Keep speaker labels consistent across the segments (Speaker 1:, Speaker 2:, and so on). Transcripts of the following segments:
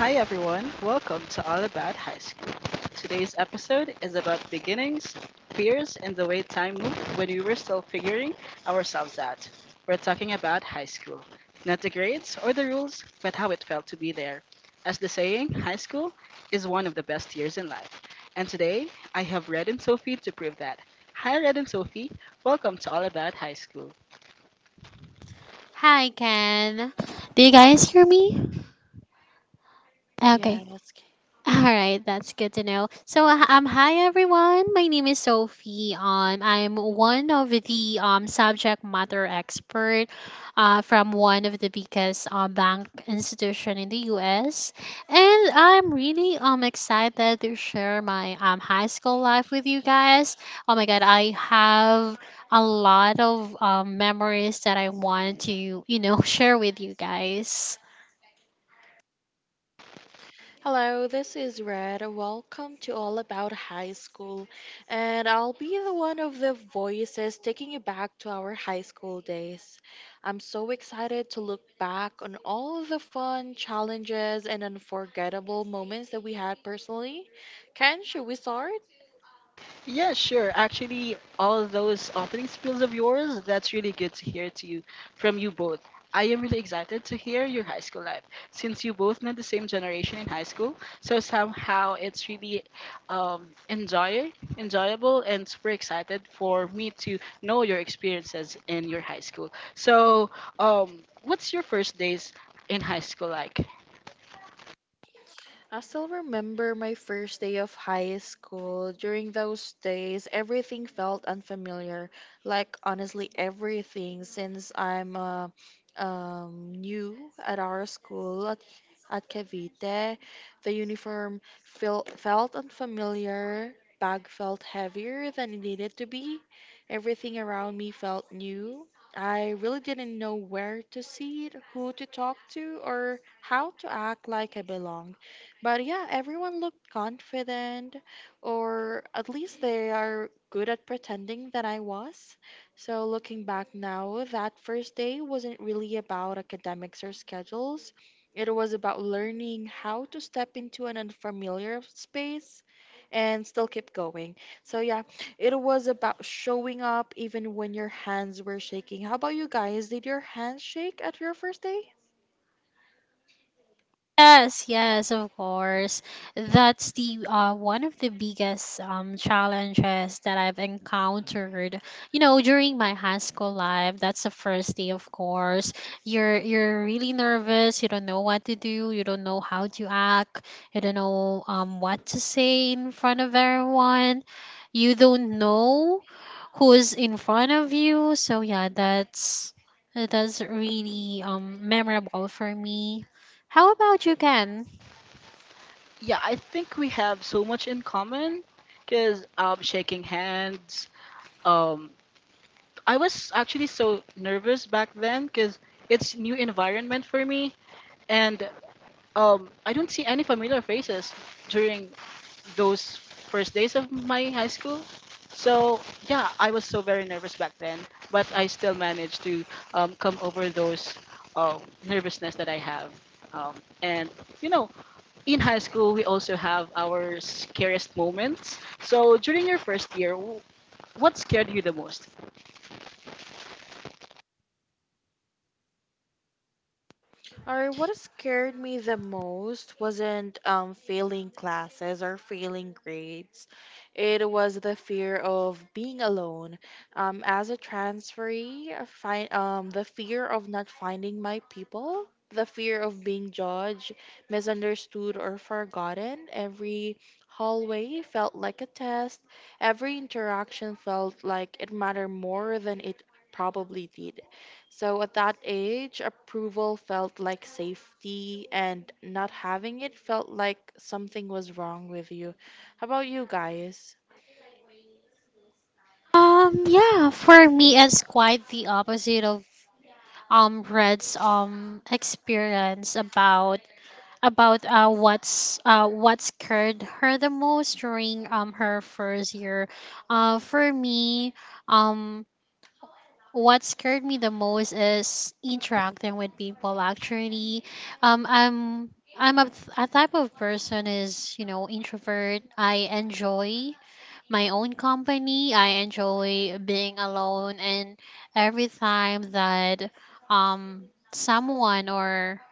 Speaker 1: Hi everyone, welcome to All About High School. Today's episode is about beginnings, fears, and the way time moved when we were still figuring ourselves out. We're talking about high school. Not the grades or the rules, but how it felt to be there. As the saying, high school is one of the best years in life. And today, I have Red and Sophie to prove that. Hi Red and Sophie, welcome to All About High School.
Speaker 2: Hi, Ken. Do you guys hear me? Okay.
Speaker 3: Yes.
Speaker 2: All right, that's good to know. Hi everyone. My name is Sophie. I'm one of the subject matter expert, from one of the biggest bank institution in the U.S. And I'm really excited to share my high school life with you guys. Oh my God, I have a lot of memories that I want to share with you guys.
Speaker 3: Hello, this is Red. Welcome to All About High School. And I'll be the one of the voices taking you back to our high school days. I'm so excited to look back on all the fun, challenges, and unforgettable moments that we had personally. Ken, should we start?
Speaker 1: Yeah, sure. Actually, all those opening spills of yours, that's really good to hear to you from you both. I am really excited to hear your high school life since you both know the same generation in high school. So somehow it's really um, enjoy, enjoyable and super excited for me to know your experiences in your high school. So what's your first days in high school like?
Speaker 3: I still remember my first day of high school. During those days, everything felt unfamiliar. Like, honestly, everything, since I'm new at our school at Cavite, the felt unfamiliar, bag felt heavier than it needed to be. Everything around me felt new. I really didn't know where to sit, who to talk to, or how to act like I belonged. But yeah, everyone looked confident, or at least they are good at pretending that I was. So looking back now, that first day wasn't really about academics or schedules. It was about learning how to step into an unfamiliar space and still keep going. So yeah, it was about showing up even when your hands were shaking. How about you guys? Did your hands shake at your first day?
Speaker 2: Yes, yes, of course. That's the one of the biggest challenges that I've encountered. You know, during my high school life, that's the first day, of course. You're really nervous. You don't know what to do. You don't know how to act. You don't know what to say in front of everyone. You don't know who's in front of you. So yeah, that's really memorable for me. How about you, Ken?
Speaker 1: Yeah, I think we have so much in common because shaking hands, um, I was actually so nervous back then because it's new environment for me, and I don't see any familiar faces during those first days of my high school. So yeah, I was so very nervous back then, but I still managed to come over those um, nervousness that I have. Um, and you know, in high school we also have our scariest moments. So during your first year, what scared you the most?
Speaker 3: Or what scared me the most wasn't failing classes or failing grades. It was the fear of being alone. As a transferee, I find the fear of not finding my people, the fear of being judged, misunderstood, or forgotten. Every hallway felt like a test. Every interaction felt like it mattered more than it probably did. So at that age, approval felt like safety, and not having it felt like something was wrong with you. How about you guys?
Speaker 2: Yeah, for me, it's quite the opposite of Red's experience about what's what scared her the most during her first year. For me, um. What scared me the most is interacting with people. Actually, um, I'm I'm a type of person is introvert. I enjoy my own company. I enjoy being alone, and every time that um someone or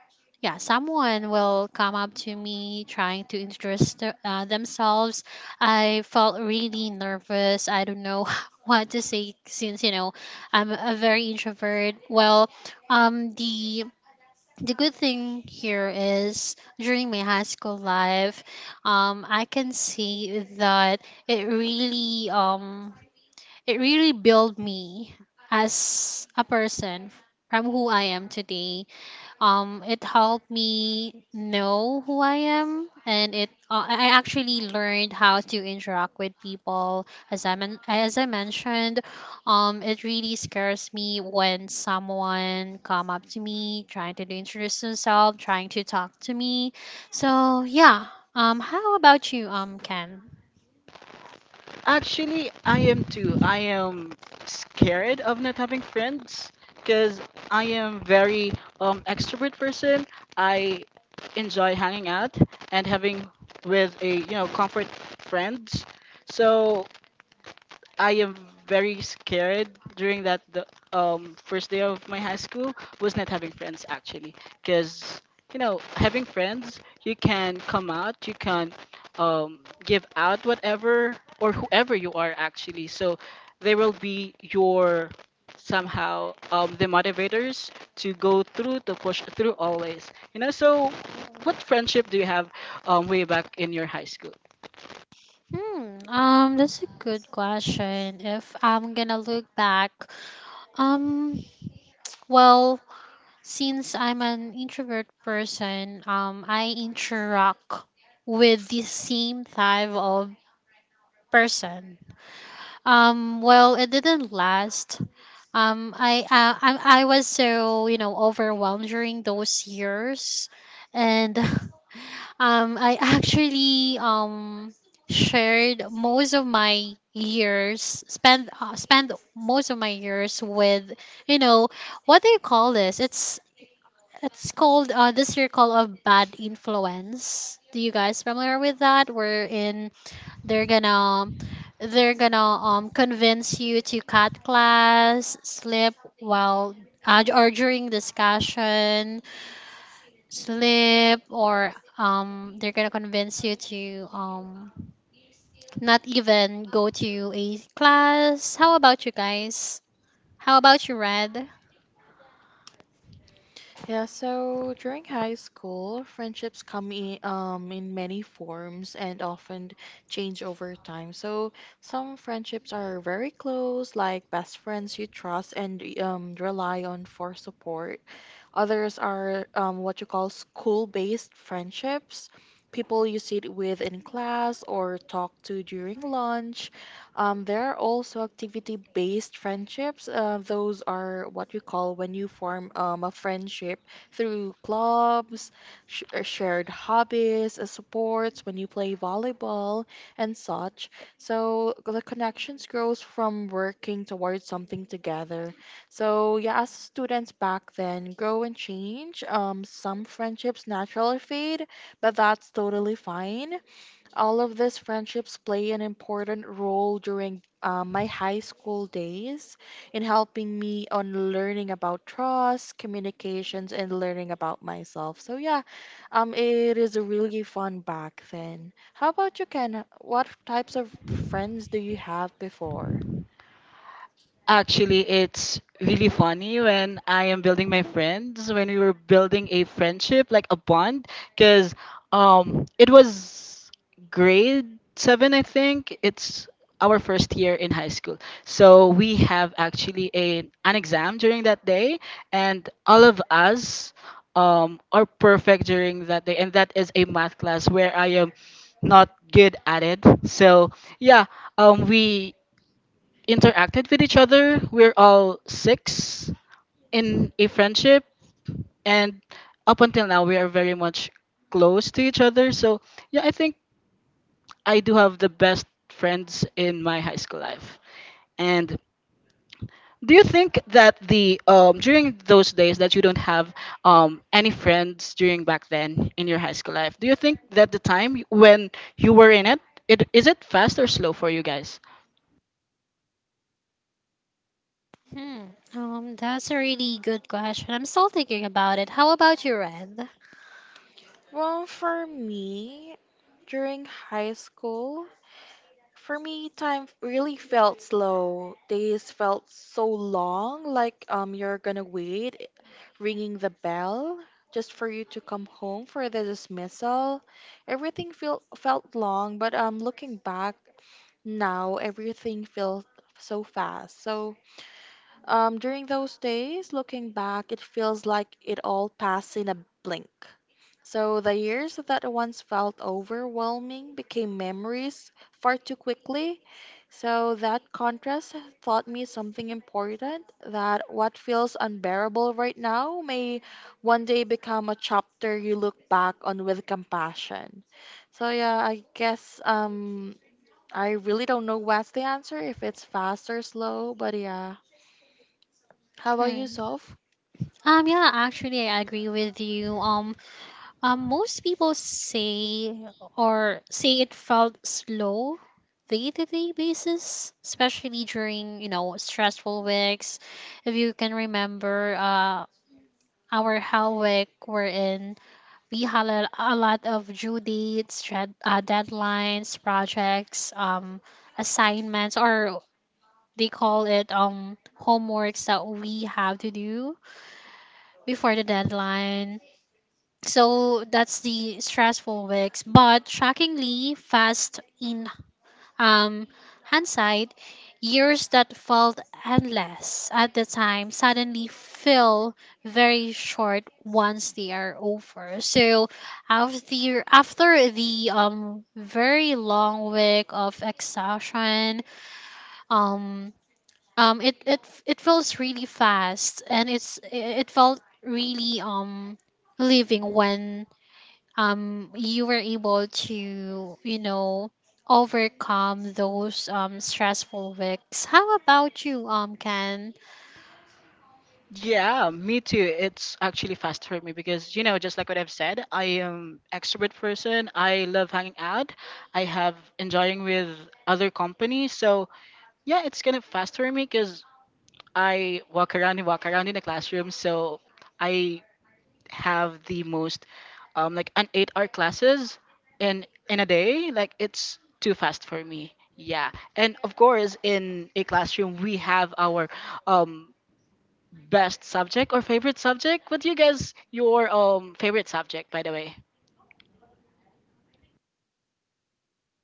Speaker 2: yeah someone will come up to me trying to introduce themselves, I felt really nervous. I don't know what to say since you know I'm a very introvert. Well, the good thing here is during my high school life, I can see that it really um, it really built me as a person from who I am today. It helped me know who I am, and it I actually learned how to interact with people. As I mentioned, it really scares me when someone come up to me trying to introduce themselves, trying to talk to me. So yeah. How about you, Ken?
Speaker 1: Actually, I am too. I am scared of not having friends because I am very extrovert person. I enjoy hanging out and having with a you know comfort friends. So I am very scared during that the first day of my high school, was not having friends actually, because you know having friends, you can come out, you can um give out whatever or whoever you are actually. So they will be your somehow the motivators to go through, to push through always, you know. So what friendship do you have way back in your high school?
Speaker 2: Hmm. That's a good question. If I'm gonna look back, um, well, since I'm an introvert person, I interact with the same type of person. Well, it didn't last. I was so overwhelmed during those years, and I actually shared most of my years spend most of my years with you know what do you call this? It's called the circle of bad influence. Do you guys familiar with that? Wherein they're gonna they're gonna convince you to cut class, slip while or during discussion, slip or they're gonna convince you to not even go to a class. How about you guys? How about you, Red?
Speaker 3: Yeah, so during high school, friendships come in many forms and often change over time. So some friendships are very close, like best friends you trust and rely on for support. Others are what you call school-based friendships, people you sit with in class or talk to during lunch. There are also activity-based friendships. Those are what we call when you form a friendship through clubs, shared hobbies, sports, when you play volleyball and such. So the connections grows from working towards something together. So yeah, as students back then grow and change. Some friendships naturally fade, but that's totally fine. All of these friendships play an important role during my high school days in helping me on learning about trust, communications, and learning about myself. So yeah, it is really fun back then. How about you, Ken? What types of friends do you have before?
Speaker 1: Actually, it's really funny when I am building my friends, when we were building a friendship, like a bond, because it was grade 7, I think. It's our first year in high school. So we have actually a, an exam during that day, and all of us are perfect during that day. And that is a math class where I am not good at it. So, yeah, we interacted with each other. We're all six in a friendship, and up until now, we are very much close to each other. So, yeah, I think I do have the best friends in my high school life. And do you think that the during those days that you don't have any friends during back then in your high school life, do you think that the time when you were in it, it is it fast or slow for you guys?
Speaker 2: Hmm. That's a really good question. I'm still thinking about it. How about you, Red?
Speaker 3: Well, for me, during high school, for me, time really felt slow. Days felt so long, like you're gonna wait, ringing the bell just for you to come home for the dismissal. Everything felt long, but looking back now, everything feels so fast. So during those days, looking back, it feels like it all passed in a blink. So the years that once felt overwhelming became memories far too quickly. So that contrast taught me something important that what feels unbearable right now may one day become a chapter you look back on with compassion. So yeah, I guess I really don't know what's the answer if it's fast or slow, but yeah. How about you,
Speaker 2: Mm.
Speaker 3: Soph?
Speaker 2: Yeah, actually, I agree with you. Most people say it felt slow day-to-day basis, especially during, you know, stressful weeks. If you can remember, our hell week we're in, we had a lot of deadlines, projects, assignments, or they call it homeworks that we have to do before the deadline. So that's the stressful weeks, but shockingly fast in um hindsight. Years that felt endless at the time suddenly feel very short once they are over. So after the very long week of exhaustion, um um it it it feels really fast, and it felt really living when you were able to you know overcome those stressful weeks. How about you, Ken?
Speaker 1: Yeah, me too. It's actually fast for me because you know, just like what I've said, I am extrovert person. I love hanging out. I have enjoying with other company. So yeah, it's kind of fast for me because I walk around and walk around in the classroom. So I have the most like an 8-hour classes in a day. Like it's too fast for me. Yeah, and of course in a classroom we have our um best subject or favorite subject? What do you guys your favorite subject by the way?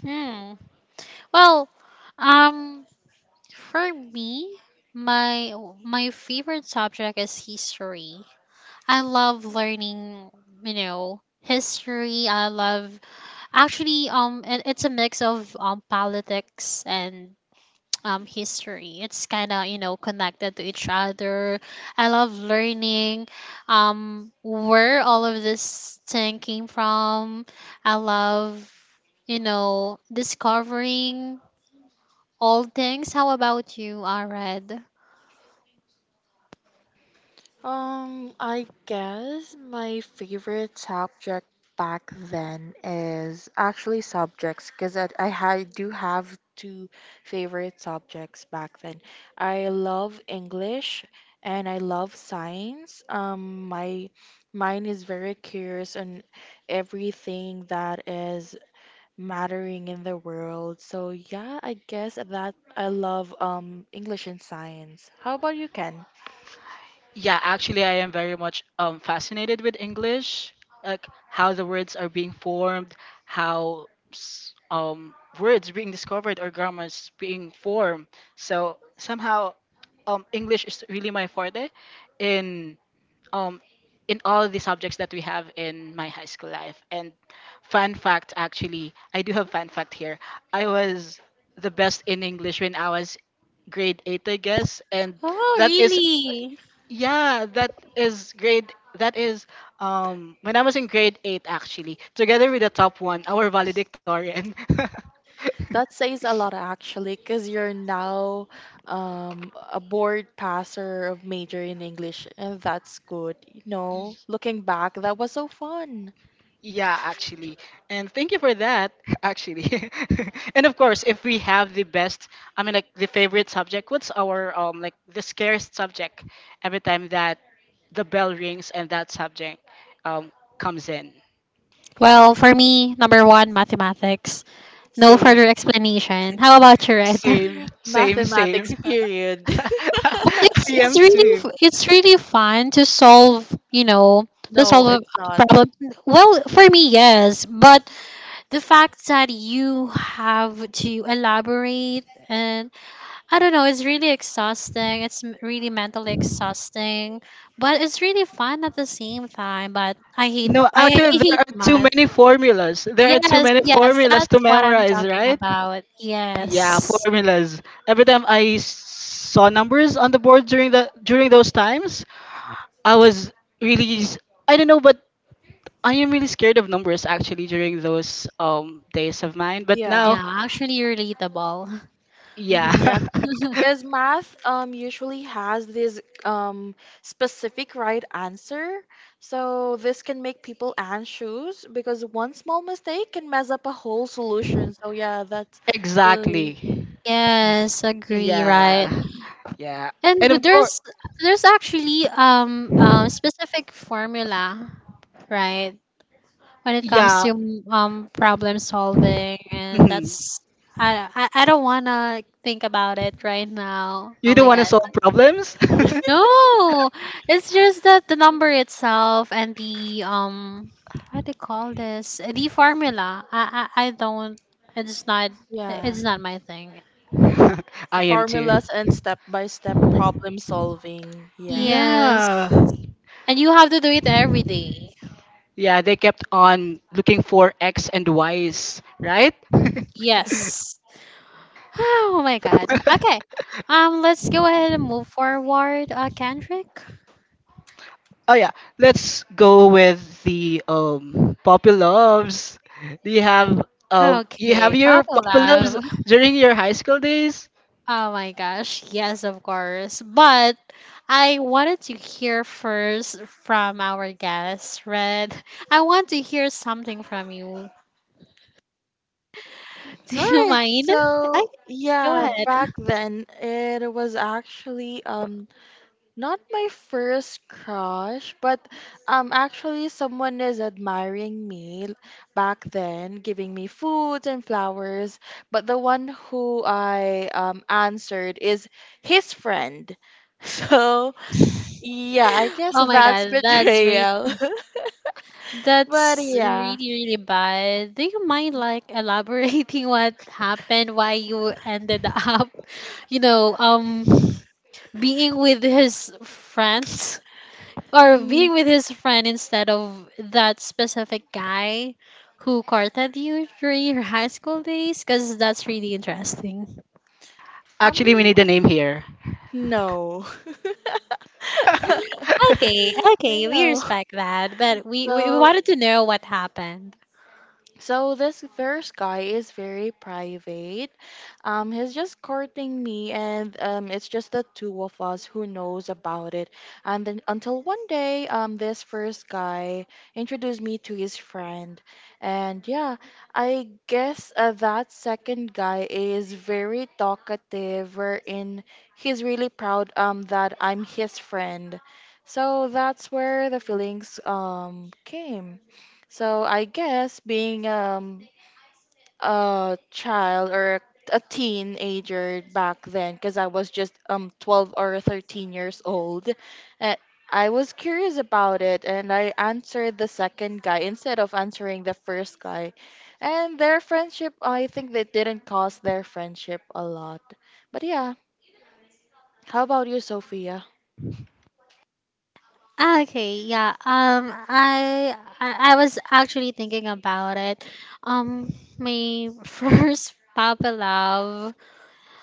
Speaker 2: Hmm. Well, um for me, my my favorite subject is history. I love learning, you know, history. I love Actually, it's a mix of politics and history. It's kind of you know connected to each other. I love learning, where all of this thing came from. I love, you know, discovering all things. How about you, Arad?
Speaker 3: I guess my favorite subject back then is actually subjects because I do have two favorite subjects back then. I love English and I love science. My mind is very curious on everything that is mattering in the world. So yeah, I guess that I love English and science. How about you, Ken?
Speaker 1: Yeah, actually, I am very much fascinated with English, like how the words are being formed, how s- um, words being discovered or grammars being formed. So somehow, English is really my forte in um, in all the subjects that we have in my high school life. And fun fact, actually, I do have fun fact here. I was the best in English when I was grade 8, I guess, and
Speaker 2: Oh,
Speaker 1: that is
Speaker 2: really?
Speaker 1: yeah, that is that is when I was in grade 8 actually, together with the top one, our valedictorian.
Speaker 3: That says a lot actually, because you're now a board passer of major in English, and that's good. You
Speaker 1: Y-
Speaker 3: know, looking back, that was so fun.
Speaker 1: yeah, actually. And thank you for that actually. And of course, if we have the best, I mean like the favorite subject, what's our like the scariest subject every time that the bell rings and that subject um comes in.
Speaker 2: Well, for me, number one, mathematics. No
Speaker 3: Say,
Speaker 2: further explanation. How about you, Red?
Speaker 1: Same, same, same.
Speaker 3: mathematics period.
Speaker 2: But
Speaker 1: I
Speaker 2: it's it's
Speaker 1: am
Speaker 2: really
Speaker 1: too.
Speaker 2: f- it's really fun to solve, you know, to solve
Speaker 3: No, it's not.
Speaker 2: a problem. Well, for me, yes, but the fact that you have to elaborate and I don't know, it's really exhausting. It's really mentally exhausting, but it's really fun at the same time. But I hate
Speaker 1: No,
Speaker 2: I,
Speaker 1: actually,
Speaker 2: I
Speaker 1: there
Speaker 2: hate
Speaker 1: are too
Speaker 2: math.
Speaker 1: many formulas. There are too
Speaker 2: Yes,
Speaker 1: many
Speaker 2: yes,
Speaker 1: formulas to
Speaker 2: that's what I'm
Speaker 1: memorize,
Speaker 2: talking
Speaker 1: right?
Speaker 2: about.
Speaker 1: Yeah,
Speaker 2: Yes.
Speaker 1: formulas. Every time I saw numbers on the board during the during those times, I was really s- I don't know, but I am really scared of numbers actually during those days of mine. But now,
Speaker 3: Yeah.
Speaker 2: Yeah, actually relatable.
Speaker 1: yeah,
Speaker 3: Yeah. Because math usually has this um specific right answer. So this can make people anxious because one small mistake can mess up a whole solution. So yeah, that's really
Speaker 1: exactly.
Speaker 2: Yes, agree,
Speaker 1: Yeah,
Speaker 2: right.
Speaker 1: yeah,
Speaker 2: And
Speaker 1: and of course,
Speaker 2: there's actually specific formula, right? When it comes
Speaker 1: yeah.
Speaker 2: to problem solving, and
Speaker 1: mhm.
Speaker 2: that's, I don't wanna think about it right now.
Speaker 1: You
Speaker 2: Oh
Speaker 1: don't
Speaker 2: my
Speaker 1: want to
Speaker 2: god.
Speaker 1: solve problems.
Speaker 2: No. It's just that the number itself and the what do you call this? The formula. I don't, it's not
Speaker 3: yeah,
Speaker 2: it's not my thing.
Speaker 1: I am too.
Speaker 3: formulas and step-by-step problem solving. Yeah.
Speaker 2: Yes.
Speaker 1: Yeah.
Speaker 2: And you have to do it every day.
Speaker 1: Yeah, they kept on looking for X and Y's, right?
Speaker 2: Yes. Oh my god. Okay. Let's go ahead and move forward, Kendrick.
Speaker 1: Oh yeah, let's go with the Poppy Loves. Do you
Speaker 2: Okay,
Speaker 1: have
Speaker 2: Papa
Speaker 1: your Poppy
Speaker 2: Love.
Speaker 1: Loves during your high school days?
Speaker 2: Oh my gosh, yes, of course. But I wanted to hear first from our guest, Red. I want to hear something from you. Do
Speaker 3: All
Speaker 2: you
Speaker 3: right.
Speaker 2: mind? I
Speaker 3: So,
Speaker 2: go
Speaker 3: yeah,
Speaker 2: ahead.
Speaker 3: back then it was actually not my first crush, but actually someone is admiring me back then, giving me foods and flowers, but the one who I answered is his friend. So, yeah, I guess
Speaker 2: Oh my
Speaker 3: that's
Speaker 2: god, that's really,
Speaker 3: betrayal. But
Speaker 2: that's
Speaker 3: yeah.
Speaker 2: really, really bad. Do you mind like elaborating what happened, why you ended up, you know, being with his friends or
Speaker 3: Mm,
Speaker 2: being with his friend instead of that specific guy who courted you during your high school days? Because that's really interesting.
Speaker 1: Actually, we
Speaker 3: um,
Speaker 1: need a name here.
Speaker 3: no.
Speaker 2: Okay, okay, we
Speaker 3: No.
Speaker 2: respect that, but we
Speaker 3: So,
Speaker 2: wanted to know what happened.
Speaker 3: So this first guy is very private. He's just courting me, and it's just the two of us who knows about it. And then until one day, this first guy introduced me to his friend, and yeah, that second guy is very talkative, wherein he's really proud that I'm his friend. So that's where the feelings came. So I guess being a child or a teenager back then, because I was just 12 or 13 years old, uh, I was curious about it and I answered the second guy instead of answering the first guy. And their friendship, I think that didn't cost their friendship a lot. But yeah, how about you, Sophia?
Speaker 2: Ah, okay, yeah. I was actually thinking about it. Um, my first Papa Love.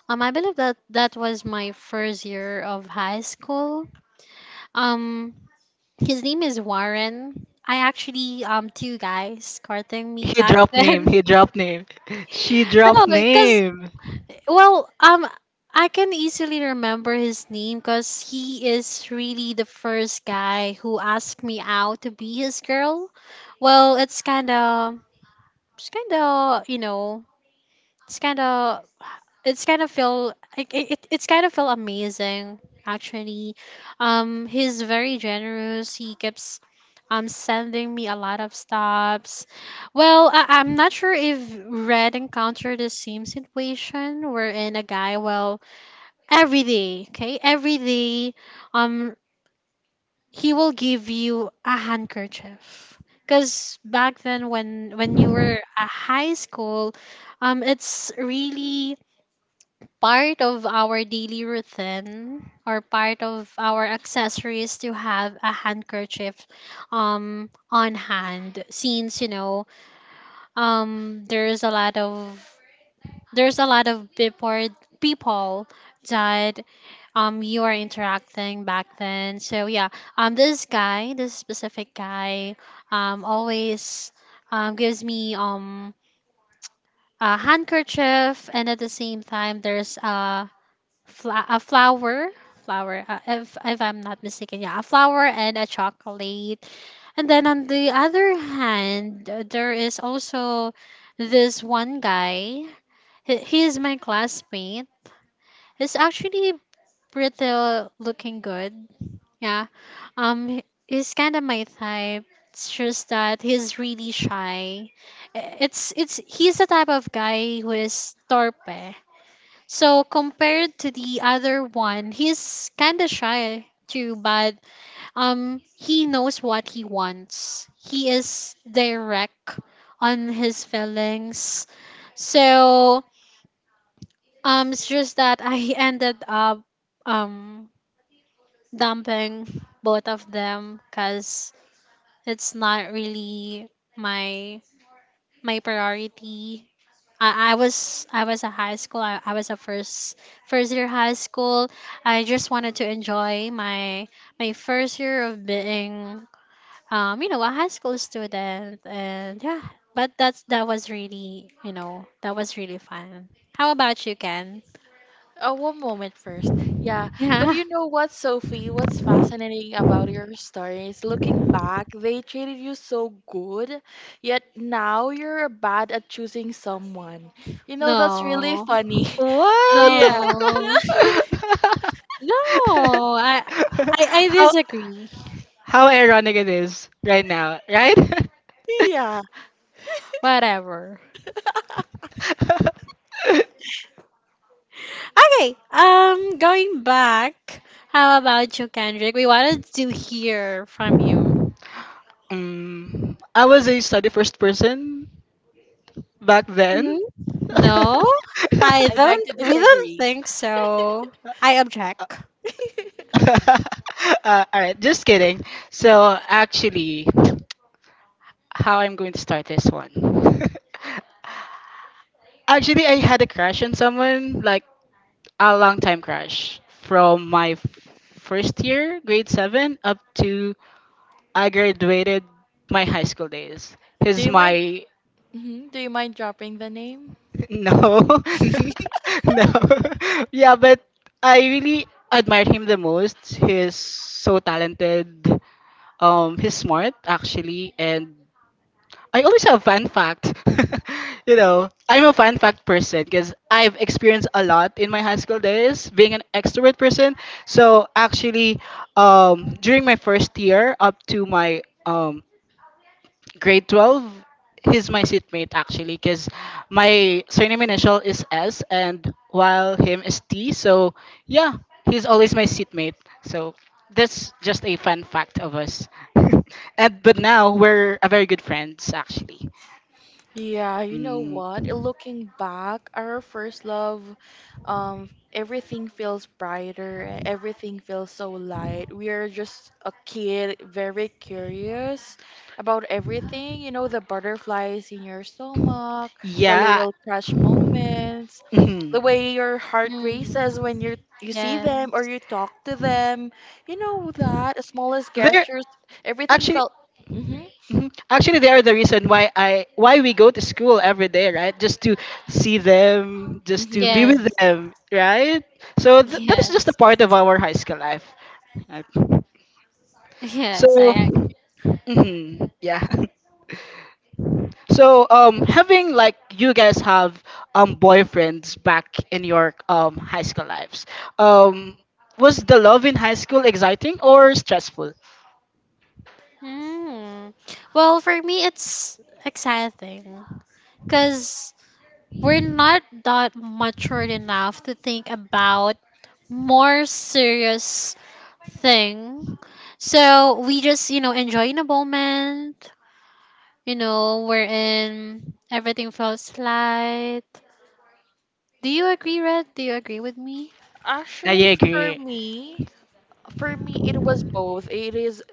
Speaker 2: I believe that that was my first year of high school. Um, his name is Warren. I actually two guys courting me
Speaker 1: He
Speaker 2: back
Speaker 1: dropped name.
Speaker 2: then.
Speaker 1: He dropped name. She
Speaker 2: No,
Speaker 1: dropped
Speaker 2: because,
Speaker 1: name.
Speaker 2: well, I can easily remember his name because he is really the first guy who asked me out to be his girl. Well, it's kind of, you know, it's kind of, it's kind of feel, like, it's kind of feel amazing actually. He's very generous. He keeps, sending me a lot of stops. Well, I'm not sure if Red encountered the same situation, wherein a guy, well, every day, um he will give you a handkerchief, because back then when you were a high school, it's really part of our daily routine or part of our accessories to have a handkerchief on hand, since you know um there's a lot of there's a lot of people that you are interacting back then. So yeah, this guy, this specific guy, always gives me a handkerchief, and at the same time there's a flower if I'm not mistaken, yeah, a flower and a chocolate. And then on the other hand, there is also this one guy. He is my classmate. He's actually pretty looking good. Yeah. He's kind of my type. It's just that he's really shy. I- it's He's the type of guy who is torpe. So compared to the other one, he's kind of shy too, but he knows what he wants. He is direct on his feelings. So it's just that I ended up um dumping both of them because it's not really my my priority. I was a high school. I was a first year high school. I just wanted to enjoy my first year of being you know a high school student, and yeah. But that was really you know that was really fun. How about you, Ken?
Speaker 3: Oh, one moment first. Yeah. But
Speaker 2: Yeah.
Speaker 3: you know what, Sophie? What's fascinating about your story is looking back, they treated you so good, yet now you're bad at choosing someone. You know, that's really
Speaker 2: No.
Speaker 3: funny.
Speaker 1: What?
Speaker 3: Yeah.
Speaker 2: No. No, I I
Speaker 1: how
Speaker 2: disagree.
Speaker 1: how ironic it is right now, right?
Speaker 3: Yeah.
Speaker 2: Whatever. Okay. Going back. How about you, Kendrick? We wanted to hear from you.
Speaker 1: Mm, I was a study first person back then.
Speaker 2: Hmm?
Speaker 1: Uh,
Speaker 2: No, I
Speaker 3: I beg
Speaker 2: don't.
Speaker 3: to
Speaker 2: We don't
Speaker 3: disagree.
Speaker 2: think so. I object.
Speaker 1: all right, just kidding. So actually, how I'm going to start this one. Actually, I had a crush on someone like a long time crush from my first year, grade 7, up to I graduated my high school days.
Speaker 3: Do
Speaker 1: He's
Speaker 3: you mind?
Speaker 1: my
Speaker 3: Do you mind dropping the name?
Speaker 1: no, no, yeah, but I really admired him the most. He's so talented. He's smart actually, and I always have fun fact. You know, I'm a fun fact person because I've experienced a lot in my high school days being an extrovert person. So actually, during my first year up to my grade 12, he's my seatmate actually because my surname initial is S and while him is T. So yeah, he's always my seatmate. So that's just a fun fact of us. And but now we're a very good friends actually.
Speaker 3: Yeah, you know
Speaker 1: Mm,
Speaker 3: what? Looking back, our first love, everything feels brighter. Everything feels so light. We are just a kid, very curious about everything. You know, the butterflies in your stomach, the
Speaker 1: yeah.
Speaker 3: little crush moments, the
Speaker 1: Mhm.
Speaker 3: way your heart
Speaker 2: Hmm.
Speaker 3: races when you see them or
Speaker 2: Yes,
Speaker 3: you talk to them. You know that the smallest
Speaker 1: They're
Speaker 3: gestures, everything
Speaker 1: actually
Speaker 3: felt. Mm-hmm.
Speaker 1: mhm. Actually they are the reason why I why we go to school every day, right? Just to see them, just to be with
Speaker 3: Mm-hmm.
Speaker 2: yes,
Speaker 1: them, right? So that is just a
Speaker 2: yes,
Speaker 1: part of our high school life, right?
Speaker 2: yes. I
Speaker 1: So
Speaker 2: agree.
Speaker 1: mhm, yeah. So having like you guys have boyfriends back in your high school lives. Um was the love in high school exciting or stressful?
Speaker 2: Hmm. Well, for me, it's exciting because we're not that matured enough to think about more serious thing. So we just, you know, enjoy in a moment, you know, wherein everything feels light. Do you agree, Red? Do you agree with me?
Speaker 1: I
Speaker 3: Actually,
Speaker 1: agree.
Speaker 3: for me, it was both. It is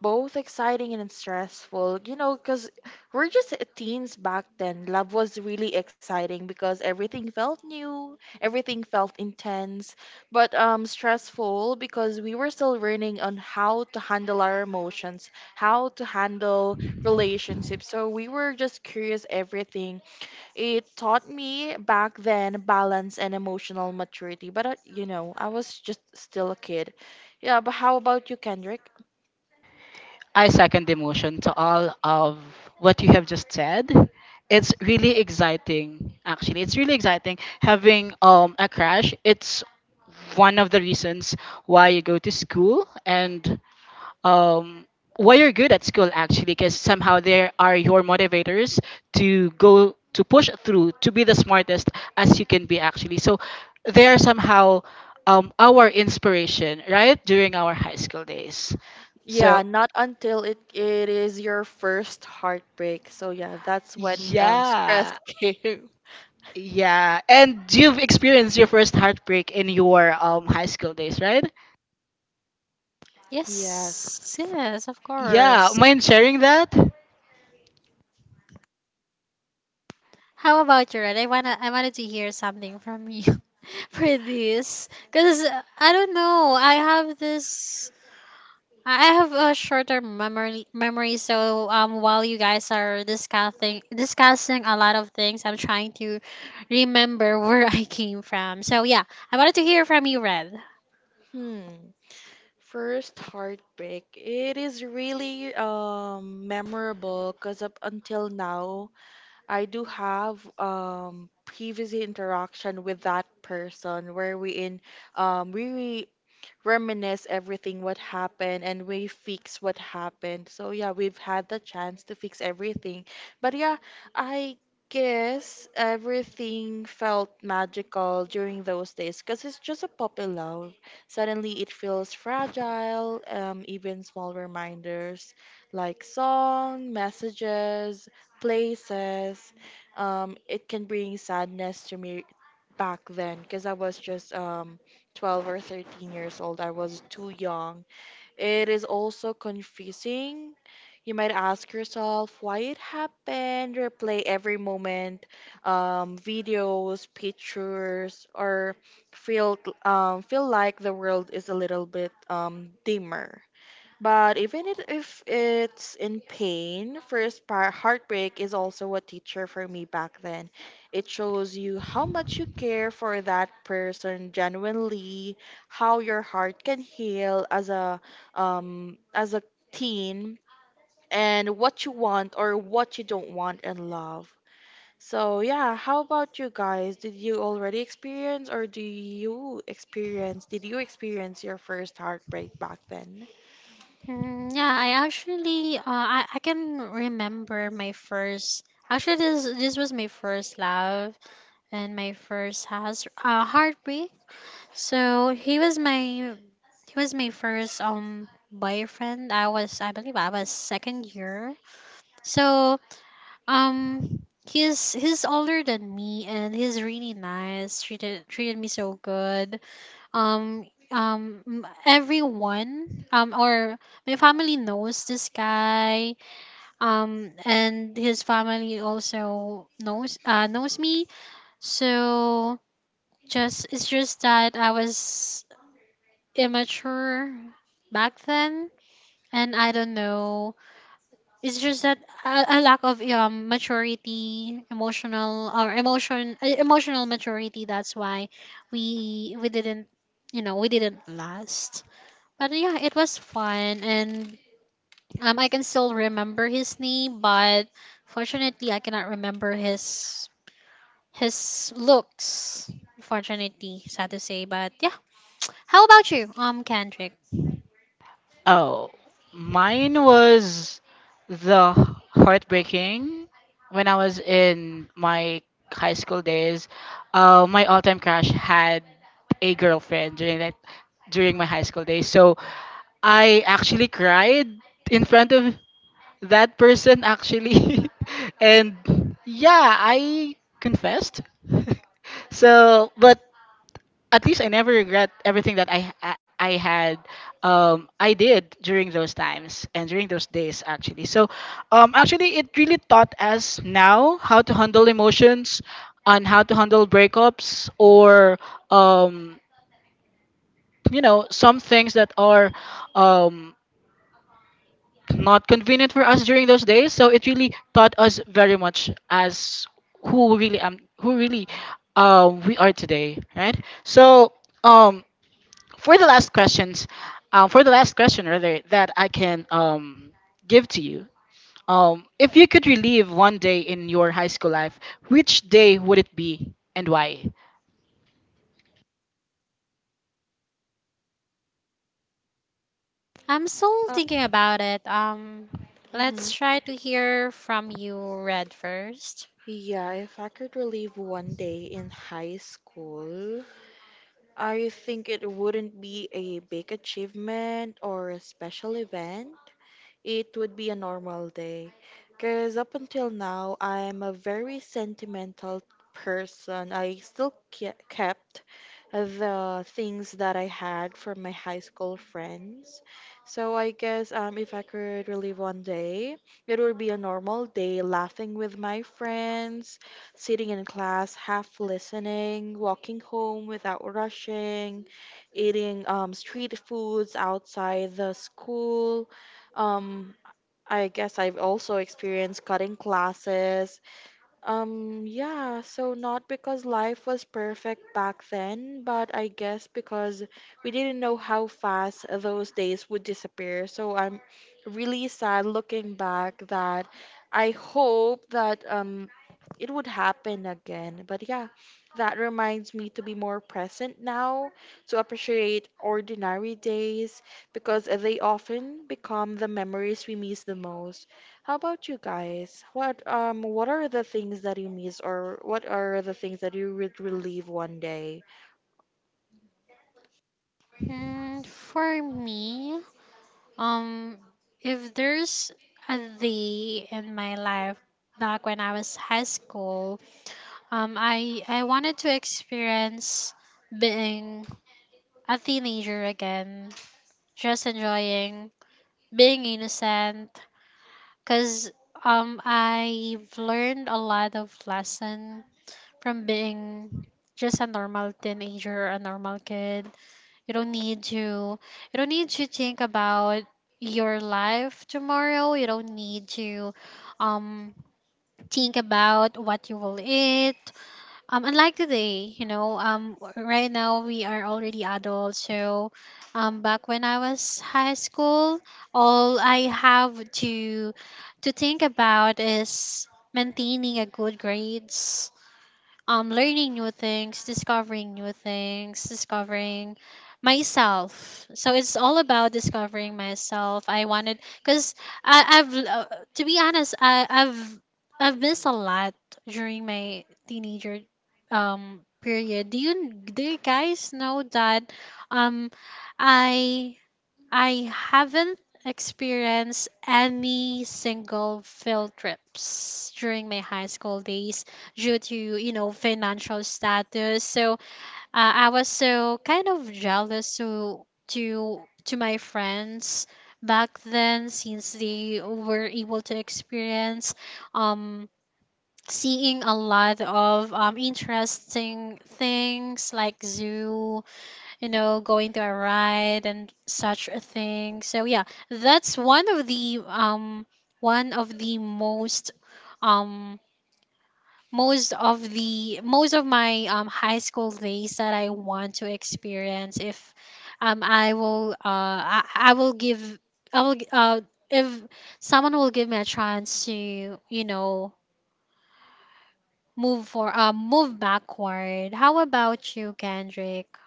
Speaker 3: both exciting and stressful, you know, because we're just teens back then. Love was really exciting because everything felt new, everything felt intense, but stressful because we were still learning on how to handle our emotions, how to handle relationships. So we were just curious everything. It taught me back then balance and emotional maturity, but you know, I was just still a kid. Yeah, but how about you, Kendrick?
Speaker 1: I second the motion to all of what you have just said. It's really exciting. Actually, it's really exciting having a crash. It's one of the reasons why you go to school and um, why you're good at school actually because somehow they are your motivators to go to push through to be the smartest as you can be actually. So they are somehow our inspiration right during our high school days. So
Speaker 3: Yeah, not until it is your first heartbreak. So yeah, that's when stress
Speaker 1: yeah,
Speaker 3: came.
Speaker 1: yeah, and you've experienced your first heartbreak in your high school days, right?
Speaker 2: Yes,
Speaker 3: Yes.
Speaker 2: yes, of
Speaker 1: Yeah,
Speaker 2: course.
Speaker 1: mind sharing that.
Speaker 2: How about you, Red? I wanted to hear something from you for this, cause I don't know. I have this, I have a shorter memory, so while you guys are discussing a lot of things, I'm trying to remember where I came from. So yeah, I wanted to hear from you, Red.
Speaker 3: Hmm. First heartbreak. It is really memorable because up until now I do have previous interaction with that person wherein we reminisce everything what happened and we fix what happened. So yeah, we've had the chance to fix everything. But yeah, I guess everything felt magical during those days because it's just a puppy love. Suddenly it feels fragile, even small reminders like song, messages, places. It can bring sadness to me back then because I was just 12 or 13 years old. I was too young. It is also confusing. You might ask yourself why it happened, replay every moment, videos, pictures, or feel feel like the world is a little bit dimmer. But even it, if it's in pain, first part, heartbreak is also a teacher for me back then. It shows you how much you care for that person genuinely, how your heart can heal as a teen, and what you want or what you don't want in love. So yeah, how about you guys? Did you already experience or do you experience? Did you experience your first heartbreak back then?
Speaker 2: Mm, yeah, I can remember my first, actually this was my first love and my first has heartbreak. So he was my he was my first boyfriend. I believe I was second year. So Um, he's older than me, and he's really nice. Treated me so good. Um, Everyone, or my family knows this guy. And his family also knows me. So just it's just that I was immature back then, and I don't know. It's just that a lack of maturity, emotional or emotion emotional maturity. That's why we didn't, we didn't last. But yeah, it was fun, and I can still remember his name, but fortunately I cannot remember his his looks. Fortunately, sad to say, but yeah. How about you, Kendrick?
Speaker 1: Oh, mine was the heartbreaking when I was in my high school days. My all-time crush had a girlfriend during that during my high school days. So I actually cried in front of that person actually, and yeah, I confessed. So, but at least I never regret everything that I had I did during those times and during those days actually. So actually it really taught us now how to handle emotions and how to handle breakups or um, you know some things that are um, not convenient for us during those days. So it really taught us very much as who really we are today, right? So um, for the last questions, for the last question rather that I can give to you, if you could relive one day in your high school life, which day would it be and why?
Speaker 2: I'm still thinking about it. Let's try to hear from you, Red, first.
Speaker 3: Yeah, if I could relive one day in high school, I think it wouldn't be a big achievement or a special event, it would be a normal day. Because up until now, I'm a very sentimental person. I still kept the things that I had from my high school friends. So I guess if I could relive one day, it would be a normal day, laughing with my friends, sitting in class, half listening, walking home without rushing, eating street foods outside the school, um I guess I've also experienced cutting classes, yeah, so not because life was perfect back then, but I guess because we didn't know how fast those days would disappear. So I'm really sad looking back that I hope that it would happen again. But yeah, that reminds me to be more present now, to appreciate ordinary days because they often become the memories we miss the most. How about you guys? What are the things that you miss or what are the things that you would relieve one day?
Speaker 2: For me, um, if there's a day in my life back when I was high school, I wanted to experience being a teenager again, just enjoying being innocent, cause I've learned a lot of lesson from being just a normal teenager, a normal kid. You don't need to, you don't need to think about your life tomorrow. You don't need to um think about what you will eat. Unlike today, you know, right now we are already adults. So back when I was high school, all I have to, think about is maintaining a good grades, learning new things, discovering myself. So it's all about discovering myself. I wanted because I've to be honest, I've missed a lot during my teenager period. Do you guys know that um I I haven't experienced any single field trips during my high school days due to, you know, financial status. So I was so kind of jealous to, to my friends back then, since they were able to experience um seeing a lot of interesting things like zoo, you know, going to a ride and such a thing. So yeah, that's one of the most, um most of the most of my high school days that I want to experience if I will give, I will g- uh if someone will give me a chance to, you know, move backward. How about you, Kendrick?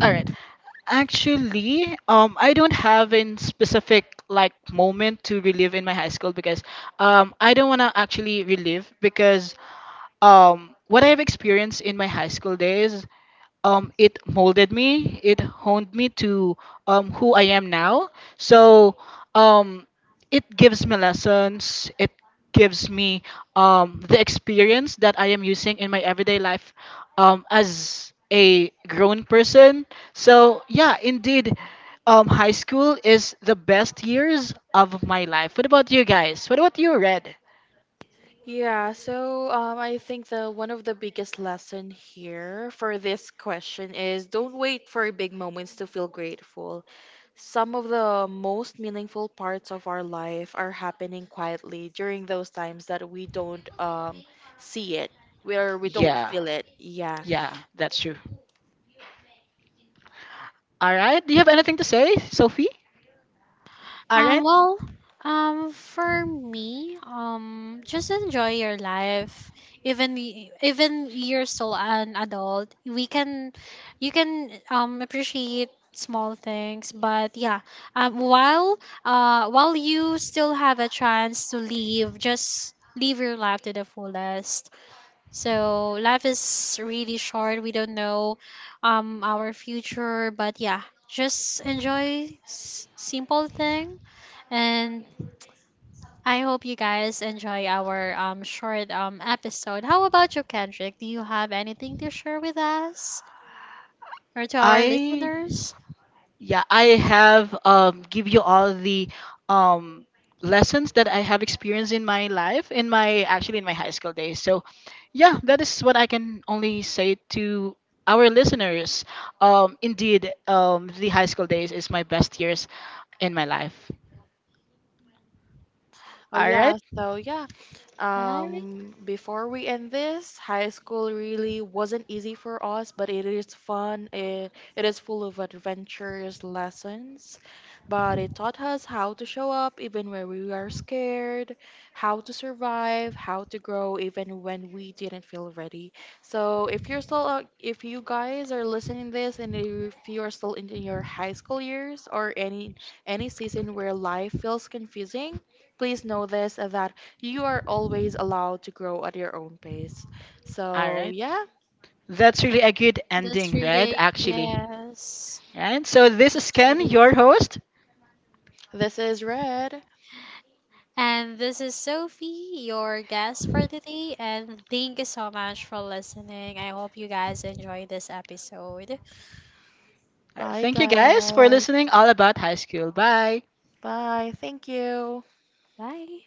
Speaker 1: All right. Actually, I don't have in specific like moment to relive in my high school because I don't wanna actually relive because what I have experienced in my high school days, it molded me. It honed me to who I am now. So um, it gives me lessons. It gives me the experience that I am using in my everyday life as a grown person. So yeah, indeed, high school is the best years of my life. What about you guys? What about you, Red?
Speaker 3: Yeah, so I think the one of the biggest lesson here for this question is don't wait for big moments to feel grateful. Some of the most meaningful parts of our life are happening quietly during those times that we don't see it, where we don't
Speaker 1: Yeah,
Speaker 3: feel it. Yeah.
Speaker 1: yeah, that's true. All right. Do you have anything to say, Sophie? All right.
Speaker 2: Well, for me, just enjoy your life. Even even you're still an adult, we can, you can appreciate small things. But yeah, um, while while you still have a chance to live, just live your life to the fullest. So life is really short. We don't know, our future. But yeah, just enjoy simple things and I hope you guys enjoy our short episode. How about you, Kendrick? Do you have anything to share with us or to our
Speaker 1: I
Speaker 2: listeners?
Speaker 1: yeah, I have give you all the um lessons that I have experienced in my life in my actually in my high school days. So, yeah, that is what I can only say to our listeners. Um, indeed, the high school days is my best years in my life.
Speaker 3: Oh
Speaker 1: All right.
Speaker 3: yeah, so yeah.
Speaker 2: Hi,
Speaker 3: Before we end this, high school really wasn't easy for us, but it is fun. It is full of adventures, lessons, but it taught us how to show up even when we are scared, how to survive, how to grow even when we didn't feel ready. So if you're still if you guys are listening this and if you are still in your high school years or any season where life feels confusing, please know this, that you are always allowed to grow at your own pace.
Speaker 1: All
Speaker 3: So,
Speaker 1: right.
Speaker 3: yeah,
Speaker 1: That's really a good
Speaker 2: this
Speaker 1: ending, right?
Speaker 2: reading,
Speaker 1: Actually.
Speaker 2: yes,
Speaker 1: Right? So this
Speaker 2: this
Speaker 1: is Ken,
Speaker 2: reading.
Speaker 1: your host.
Speaker 3: this is Red.
Speaker 2: And this is Sophie, your guest for today. And thank you so much for listening. I hope you guys enjoy this episode.
Speaker 1: Alright,
Speaker 3: Bye,
Speaker 1: thank you guys for
Speaker 3: guys.
Speaker 1: listening all about high school. Bye.
Speaker 3: Bye. Thank you.
Speaker 2: Bye.